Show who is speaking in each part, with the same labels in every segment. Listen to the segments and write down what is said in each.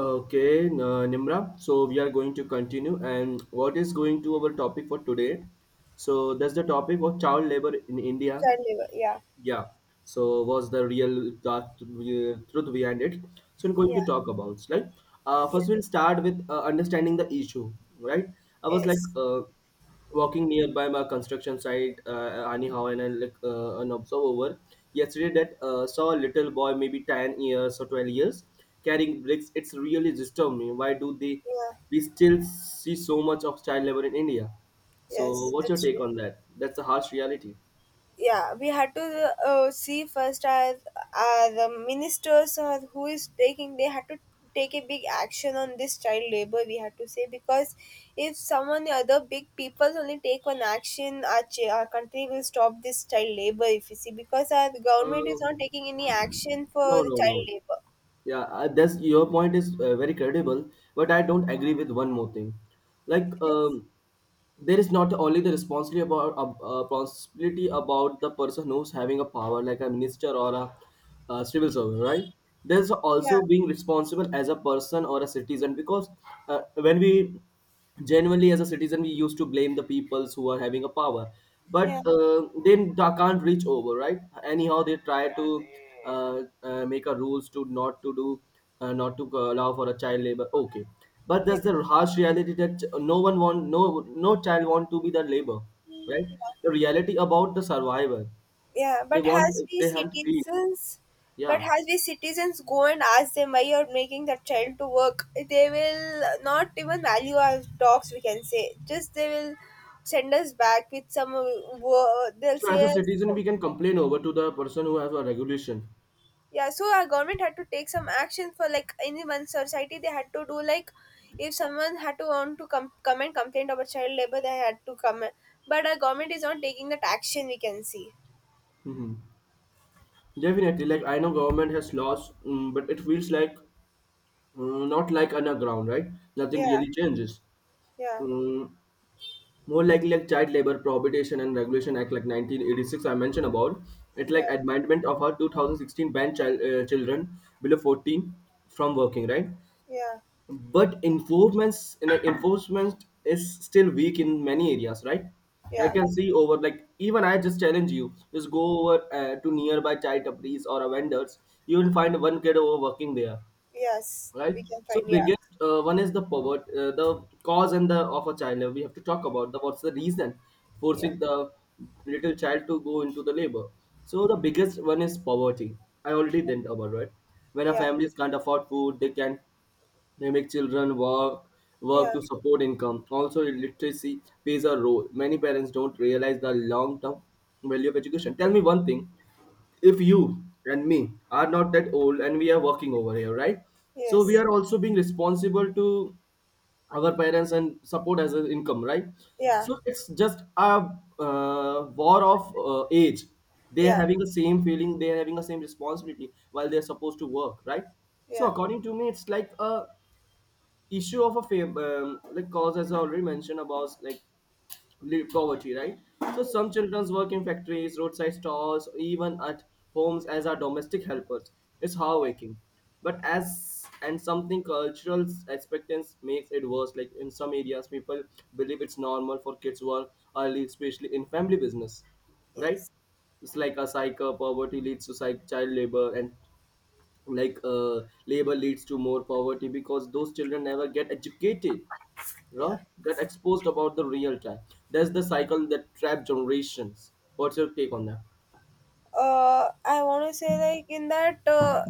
Speaker 1: Okay, Nimra. So we are going to continue, and what is going to our topic for today? So that's the topic of child labor in India.
Speaker 2: Child labor. Yeah.
Speaker 1: Yeah. So was the real dark truth behind it? So I'm going
Speaker 2: Yeah.
Speaker 1: to talk about like
Speaker 2: Yeah.
Speaker 1: first we'll start with understanding the issue, right? I was like
Speaker 2: Yes.
Speaker 1: walking nearby my construction site anyhow and I like an observe over yesterday that saw a little boy maybe 10 years or 12 years carrying bricks. It's really disturbed me. Why do they
Speaker 2: Yeah.
Speaker 1: we still see so much of child labor in India? So
Speaker 2: Yes.
Speaker 1: what's your
Speaker 2: That's true.
Speaker 1: take on that? That's a harsh reality.
Speaker 2: Yeah. We had to see first as the ministers or who is taking. They had to take a big action on this child labor. We had to say because if someone other big peoples only take one action, our country will stop this child labor. If you see, because our government is
Speaker 1: uh,
Speaker 2: not taking any action for
Speaker 1: no,
Speaker 2: the
Speaker 1: no,
Speaker 2: child
Speaker 1: no.
Speaker 2: labor.
Speaker 1: Yeah, that's your point is very credible, but I don't agree with one more thing. Like,
Speaker 2: Yes.
Speaker 1: there is not only the responsibility about the person who's having a power, like a minister or a, civil servant, right? There's
Speaker 2: Yeah.
Speaker 1: also being responsible as a person or a citizen because when we genuinely as a citizen we used to blame the peoples who are having a power,
Speaker 2: Yeah.
Speaker 1: but they can't reach over, right? Anyhow they try to make a rules to not to do not to allow for a child labor, okay? But
Speaker 2: Yeah.
Speaker 1: there's the harsh reality that no one want no no child want to be the labor, right?
Speaker 2: Yeah.
Speaker 1: The reality about the survival,
Speaker 2: Yeah,
Speaker 1: they
Speaker 2: but
Speaker 1: want,
Speaker 2: as we
Speaker 1: they have to feed.
Speaker 2: citizens, but
Speaker 1: Yeah.
Speaker 2: as we citizens go and ask them why you're making that child to work, they will not even value our talks. We can say just they will send us back with some word. They'll
Speaker 1: So as
Speaker 2: say
Speaker 1: a citizen we
Speaker 2: something.
Speaker 1: can complain over to the person who has a regulation.
Speaker 2: Yeah, so our government had to take some action for like in one society. They had to do like if someone had to want to come and complain about child labor, they had to come. But our government is not taking that action. We can see.
Speaker 1: Hmm. Definitely, like I know government has laws, but it feels like not like underground, right? Nothing
Speaker 2: Yeah,
Speaker 1: really changes.
Speaker 2: yeah,
Speaker 1: Mm, more likely, like child labor prohibition and regulation act, like 1986 I mentioned about it,
Speaker 2: yeah,
Speaker 1: like amendment of our 2016 banned child children below 14 from working, right?
Speaker 2: yeah,
Speaker 1: But enforcements in enforcement is still weak in many areas, right? I
Speaker 2: yeah.
Speaker 1: can see over, like, even I just challenge you, just go over to nearby chai tapris or a vendors, you will find one kid over working there,
Speaker 2: Yes,
Speaker 1: right?
Speaker 2: we can
Speaker 1: So
Speaker 2: find. Yeah,
Speaker 1: biggest one is the poverty, the cause and the of a child labor. We have to talk about the what's the reason
Speaker 2: yeah,
Speaker 1: forcing the little child to go into the labor. So the biggest one is poverty. I already didn't about, right? When a
Speaker 2: yeah,
Speaker 1: families can't afford food, they make children work, work
Speaker 2: yeah,
Speaker 1: to support income. Also, literacy plays a role. Many parents don't realize the long-term value of education. Tell me one thing: if you and me are not that old and we are working over here, right? So we
Speaker 2: yes,
Speaker 1: are also being responsible to our parents and support as an income, right?
Speaker 2: yeah,
Speaker 1: So it's just a war of age. They are
Speaker 2: yeah,
Speaker 1: having the same feeling. They are having the same responsibility while they are supposed to work, right? So
Speaker 2: yeah,
Speaker 1: according to me, it's like a issue of a like cause as I already mentioned about like poverty, right? So
Speaker 2: yeah,
Speaker 1: some childrens work in factories, roadside stalls, even at homes as our domestic helpers. It's
Speaker 2: yeah,
Speaker 1: heartbreaking, but as and something cultural expectance makes it worse. Like in some areas, people believe it's normal for kids work early, especially in family business, right?
Speaker 2: yes,
Speaker 1: It's like a cycle. Poverty leads to child labor, and like labor leads to more poverty because those children never get educated, right?
Speaker 2: yeah.
Speaker 1: Get exposed about the real time. That's the cycle that trap generations. What's your take on that?
Speaker 2: I want to say like in that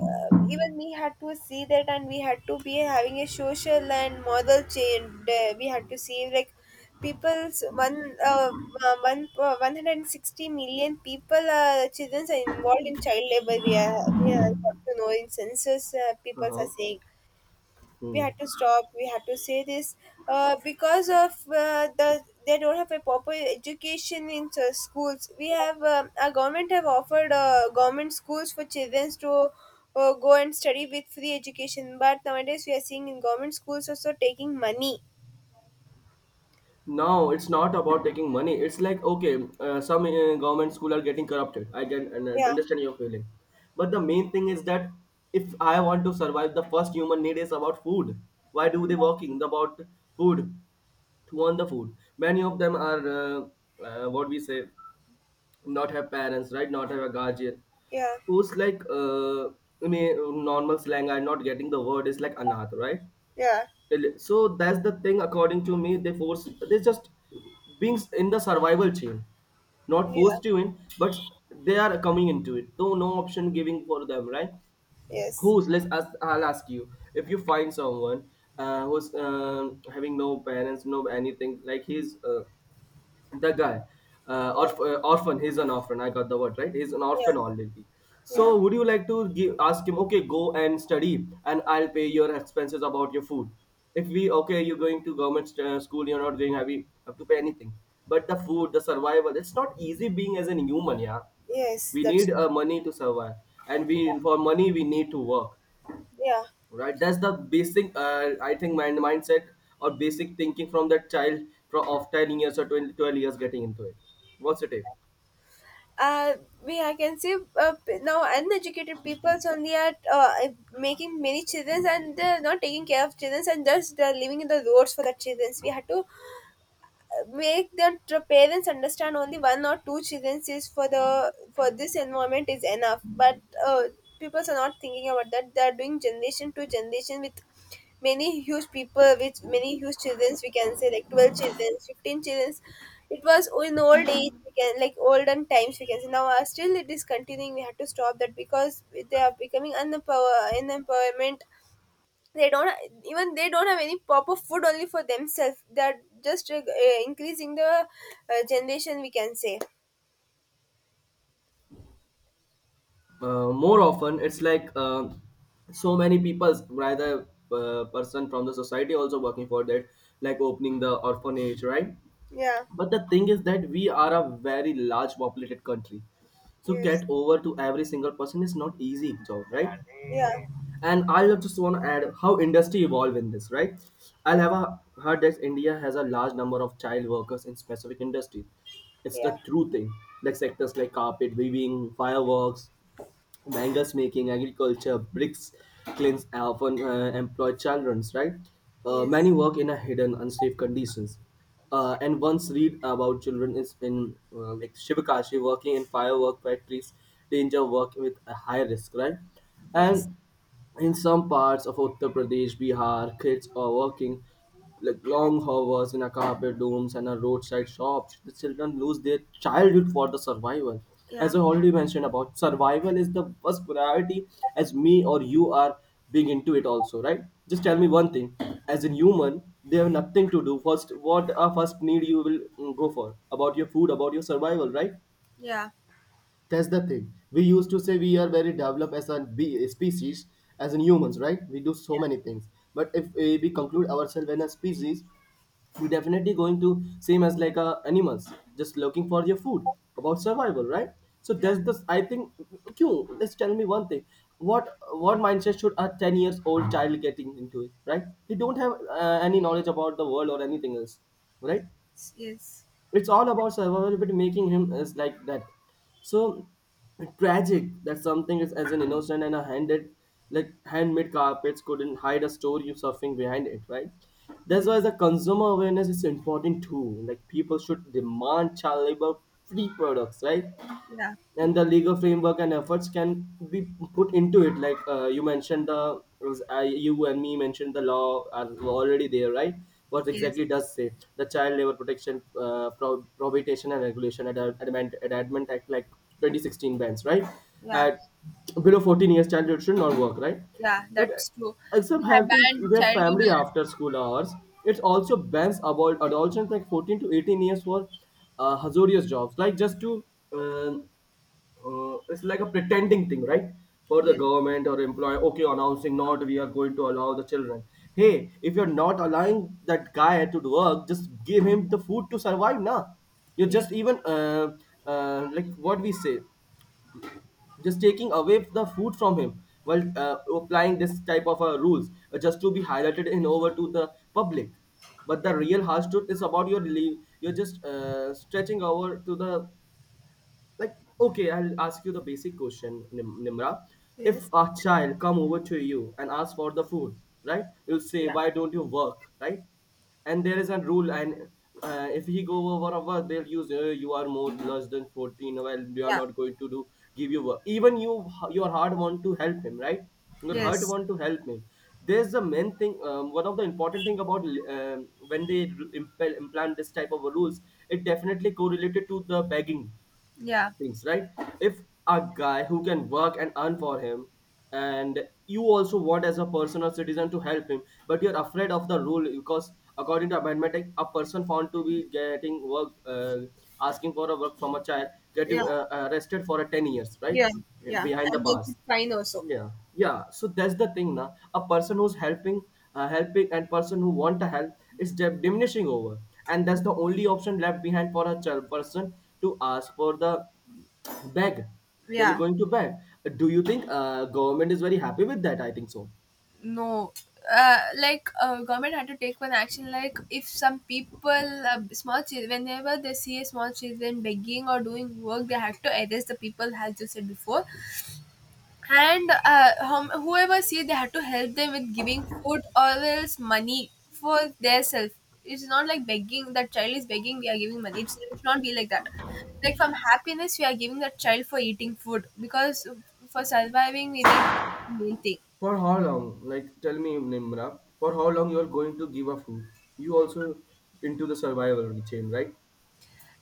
Speaker 2: even we had to see that, and we had to be having a social and model change. We had to see like people's 160 million people children are involved in child labor. We are got to know in census, people are
Speaker 1: Uh-huh.
Speaker 2: saying we
Speaker 1: Hmm.
Speaker 2: had to stop, we had to say this because of the they don't have a proper education in schools. We have our government have offered government schools for children to go and study with free education, but nowadays we are seeing in government schools also taking money.
Speaker 1: No, it's not about taking money. It's like, okay, some government school are getting corrupted. I can and I
Speaker 2: Yeah,
Speaker 1: understand your feeling, but the main thing is that if I want to survive, the first human need is about food. Why do they working about food? To earn the food. Many of them are what we say not have parents, right? Not have a guardian.
Speaker 2: yeah,
Speaker 1: Who's like in a normal slang? I'm not getting the word. Is like anath, right?
Speaker 2: yeah,
Speaker 1: Well, so that's the thing. According to me, they force. They just being in the survival chain, not
Speaker 2: yeah,
Speaker 1: forced you in, but they are coming into it. So no option giving for them, right?
Speaker 2: yes,
Speaker 1: Who's? Let's ask. I'll ask you. If you find someone who's having no parents, no anything, like he's the guy
Speaker 2: yeah,
Speaker 1: orphan, he's an orphan, I got the word, right? He's an
Speaker 2: yeah,
Speaker 1: orphan already.
Speaker 2: yeah,
Speaker 1: So would you like to give, ask him, okay, go and study and I'll pay your expenses about your food? If we, okay, you're going to government school, you're not going have, you have to pay anything, but the food, the survival, it's not easy being as an human. Yeah,
Speaker 2: yes,
Speaker 1: we
Speaker 2: that's
Speaker 1: need
Speaker 2: true.
Speaker 1: money to survive, and we for money we need to work,
Speaker 2: Yeah.
Speaker 1: right? That's the basic, I think, mindset or basic thinking from that child from of 10 years or 2012 years getting into it. What's your take?
Speaker 2: Uh, we I can see, now uneducated people only are making many children and they're not taking care of children, and thus they're living in the roads for the children. We had to make the parents understand only one or two children is for the for this environment is enough, but people are not thinking about that. They are doing generation to generation with many huge people with many huge children. We can say like 12 children, 15 children. It was in old age, we can like olden times we can say. Now still it is continuing. We have to stop that because they are becoming unempower, unemployment. They don't ha- Even they don't have any proper food only for themselves. They're just increasing the generation, we can say.
Speaker 1: More often it's like so many people, rather person from the society also working for that, like opening the orphanage, right?
Speaker 2: Yeah.
Speaker 1: But the thing is that we are a very large populated country, so
Speaker 2: Yes.
Speaker 1: get over to every single person is not easy job, right?
Speaker 2: Yeah.
Speaker 1: And I will just want to add how industry evolve in this, right? I'll
Speaker 2: Yes.
Speaker 1: have a, heard that India has a large number of child workers in specific industries. It's the
Speaker 2: Yeah.
Speaker 1: true thing. Like sectors like carpet weaving, fireworks, mangas making, agriculture, bricks, kilns often employ childrens, right? Many
Speaker 2: Yes.
Speaker 1: work in a hidden unsafe conditions, and once read about children is in like Shivakashi working in firework factories, danger work with a high risk, right?
Speaker 2: Yes.
Speaker 1: And in some parts of Uttar Pradesh, Bihar, kids are working like long hours in a carpet dooms and a roadside shops. The children lose their childhood for the survival.
Speaker 2: Yeah.
Speaker 1: As I already mentioned about, survival is the first priority as me or you are being into it also, right? Just tell
Speaker 2: Yeah.
Speaker 1: me one thing. As a human, they have nothing to do. First, what are first need you will go for? About your food, about your survival, right?
Speaker 2: Yeah.
Speaker 1: That's the thing. We used to say we are very developed as a species, as in humans, right? We do so
Speaker 2: Yeah.
Speaker 1: many things. But if we conclude ourselves in a species, we definitely going to same as like animals, just looking for your food about survival, right? So
Speaker 2: Yeah.
Speaker 1: that's the, I think, q. Let's tell me one thing: what mindset should a 10 years old child getting into it, right? He don't have any knowledge about the world or anything else, right?
Speaker 2: Yes.
Speaker 1: It's all about survival, but making him is like that. So tragic that something is as an innocent and a handed, like handmade carpets couldn't hide a story of suffering behind it, right? That's why
Speaker 2: Yes.
Speaker 1: the consumer awareness is important too. Like people should demand child labor free products, right?
Speaker 2: Yeah.
Speaker 1: And the legal framework and efforts can be put into it, like you mentioned the you and me mentioned the law are already there, right? What
Speaker 2: Yes.
Speaker 1: exactly does say? The child labor protection prohibition and regulation at amendment act like 2016 bans, right?
Speaker 2: Yeah.
Speaker 1: At below 14 years child should not work, right?
Speaker 2: Yeah.
Speaker 1: But
Speaker 2: That's true. They
Speaker 1: except
Speaker 2: have
Speaker 1: helping
Speaker 2: banned
Speaker 1: their family
Speaker 2: childhood.
Speaker 1: after school hours, it also bans about adolescents like 14 to 18 years for hazardous jobs, like just to um it's like a pretending thing, right? For the
Speaker 2: uh,
Speaker 1: government or employer, okay, announcing not we are going to allow the children. Hey, if you're not allowing that guy to do work, just give him the food to survive. Nah, you're
Speaker 2: yes.
Speaker 1: just even like what we say, just taking away the food from him while applying this type of rules just to be highlighted in over to the public. But
Speaker 2: Yes.
Speaker 1: the real harsh truth is about your leave. You're just stretching over to the like okay, I'll ask you the basic question, Nimra.
Speaker 2: Yeah.
Speaker 1: If
Speaker 2: Yes.
Speaker 1: a child come over to you and ask for the food, right? You'll say
Speaker 2: Yeah.
Speaker 1: why don't you work, right? And there is a rule and if he go over a work, they'll use you are more less than 14, well you are
Speaker 2: Yeah.
Speaker 1: not going to do, give you work even you, your heart want to help him, right? Your heart
Speaker 2: Yes.
Speaker 1: want to help him. There's the main thing. One of the important thing about, when they implant this type of rules, it definitely correlated to the begging
Speaker 2: Yeah.
Speaker 1: things, right? If a guy who can work and earn for him, and you also want as a person or citizen to help him, but you're afraid of the rule because according to amendment Act, a person found to be getting work, asking for a work from a child,
Speaker 2: Yeah.
Speaker 1: getting arrested for a 10 years, right?
Speaker 2: Yeah. Yeah.
Speaker 1: Behind the
Speaker 2: And they could
Speaker 1: bars.
Speaker 2: fine also.
Speaker 1: Yeah, yeah, so that's the thing. Now a person who's helping, helping, and person who want to help is diminishing over, and that's the only option left behind for a child person, to ask for the beg. They're
Speaker 2: Yeah.
Speaker 1: going to beg. Do you think government is very happy with that? I think so.
Speaker 2: No, like government had to take one action. Like if some people, small children, whenever they see a small children begging or doing work, they have to arrest the people, as you said before. And whoever see, they have to help them with giving food or else money for their self. It's not like begging. That child is begging. We are giving money. It should not be like that. Like from happiness, we are giving that child for eating food because for surviving, we need meal thing.
Speaker 1: For how long? Like, tell me, Nimra, for how long you are going to give a food? You also into the survival chain, right?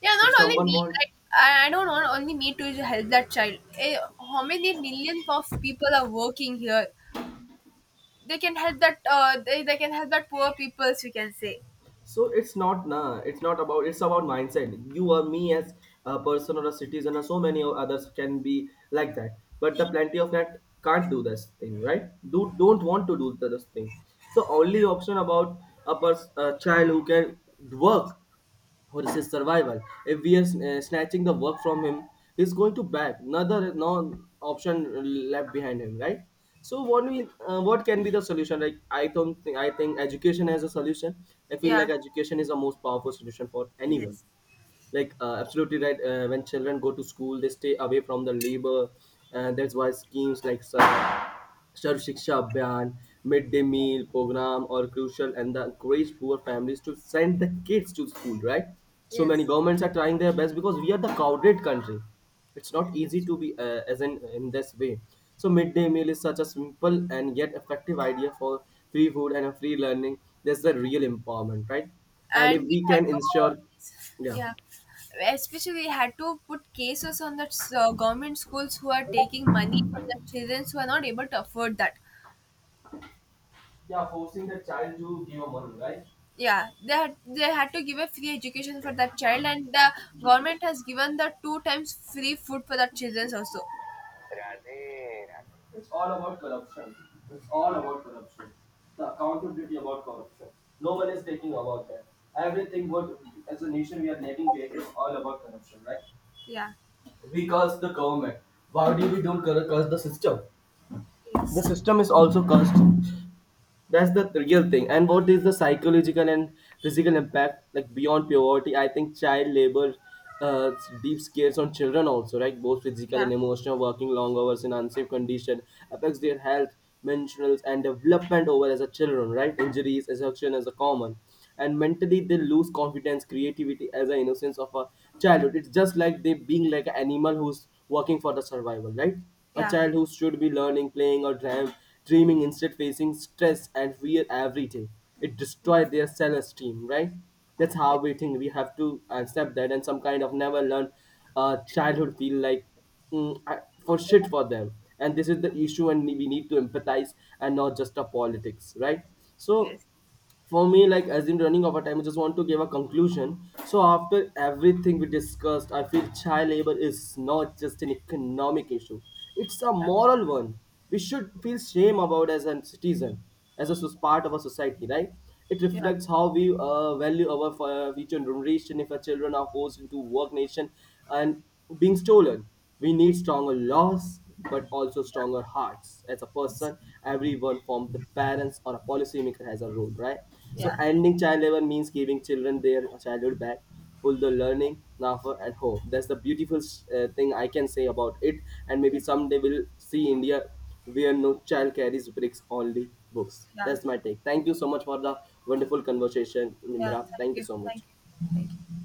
Speaker 2: Yeah, not
Speaker 1: If
Speaker 2: only
Speaker 1: someone
Speaker 2: me.
Speaker 1: want,
Speaker 2: Like I don't want only me to help that child. Eh, how many millions of people are working here? They can help that. They can help that poor people, we can say.
Speaker 1: so it's not, nah, it's not about, it's about mindset. You or me as a person or a citizen or so many others can be like that, but the plenty of that can't do this thing, right? Do, don't want to do this thing. So only option about a person, a child who can work for his survival. If we are snatching the work from him, he's going to back. Another no option left behind him, right? So what we what can be the solution? Like I don't think, I think education as a solution. I feel
Speaker 2: Yeah.
Speaker 1: like education is the most powerful solution for anyone.
Speaker 2: Yes.
Speaker 1: Like absolutely right. When children go to school, they stay away from the labor. That's why schemes like Sarv Shiksha Abhiyan, midday meal program are crucial and the encourage poor families to send the kids to school, right? So many
Speaker 2: Yes.
Speaker 1: governments are trying their best because we are the crowded country. It's
Speaker 2: Yes.
Speaker 1: not easy to be as in this way. So midday meal is such a simple and yet effective idea for free food and a free learning. That's the real empowerment, right?
Speaker 2: Yeah.
Speaker 1: And
Speaker 2: And
Speaker 1: if
Speaker 2: we
Speaker 1: we
Speaker 2: had
Speaker 1: can
Speaker 2: to.
Speaker 1: ensure, yeah,
Speaker 2: Yeah. Especially, we had to put cases on the government schools who are taking money from the children who are not able to afford that.
Speaker 1: yeah, forcing the child to give a money, right?
Speaker 2: Yeah, they had, they had to give a free education for that child, and the government has given the two times free food for the children also.
Speaker 1: It's all about corruption. It's all about corruption. The accountability about corruption. No one is taking about that. Everything what as a nation we are lacking behind is all about corruption, right?
Speaker 2: Yeah.
Speaker 1: We curse the government. Why do we don't curse the system? The
Speaker 2: Yes.
Speaker 1: system is also cursed. That's the real thing. And what is the psychological and physical impact, like beyond poverty, I think child labor uh, deep scares on children also, right? Both physical
Speaker 2: Yeah.
Speaker 1: and emotional. Working long hours in unsafe condition affects their health, mental, and development over as a children, right? Injuries, exhaustion as a common, and mentally they lose confidence, creativity as an innocence of a childhood. It's just like they being like an animal who's working for the survival, right? A
Speaker 2: Yeah.
Speaker 1: child who should be learning, playing or dreaming, instead facing stress and fear every day. It
Speaker 2: Yeah.
Speaker 1: destroyed their self-esteem, right? That's how
Speaker 2: Yes.
Speaker 1: we think. We have to accept that and some kind of never learn. Childhood feel like, mm, I- for shit for them. And this is the issue and we need to empathize and not just a politics, right? So
Speaker 2: Yes.
Speaker 1: for me, like as in running over time, I just want to give a conclusion. So after everything we discussed, I feel child labor is not just an economic issue, it's a
Speaker 2: Yeah.
Speaker 1: moral one. We should feel shame about as a citizen, as a part of a society, right? It
Speaker 2: Yeah.
Speaker 1: reflects how we value our future generation. If our children are forced into work nation and being stolen, we need stronger laws, but also
Speaker 2: Yeah.
Speaker 1: stronger hearts. As a
Speaker 2: Yes.
Speaker 1: person, everyone from the parents or a policymaker has a role, right? So
Speaker 2: Yeah.
Speaker 1: ending child labor means giving children their childhood back, full the learning, laughter, and hope. That's the beautiful thing I can say about it. And
Speaker 2: Yeah.
Speaker 1: maybe someday we'll see India where no child carries bricks, only books.
Speaker 2: Yeah.
Speaker 1: That's my take. Thank you so much for the wonderful conversation,
Speaker 2: Yeah.
Speaker 1: Nimra.
Speaker 2: Thank
Speaker 1: Thank you
Speaker 2: you,
Speaker 1: so
Speaker 2: thank
Speaker 1: much.
Speaker 2: you, thank you.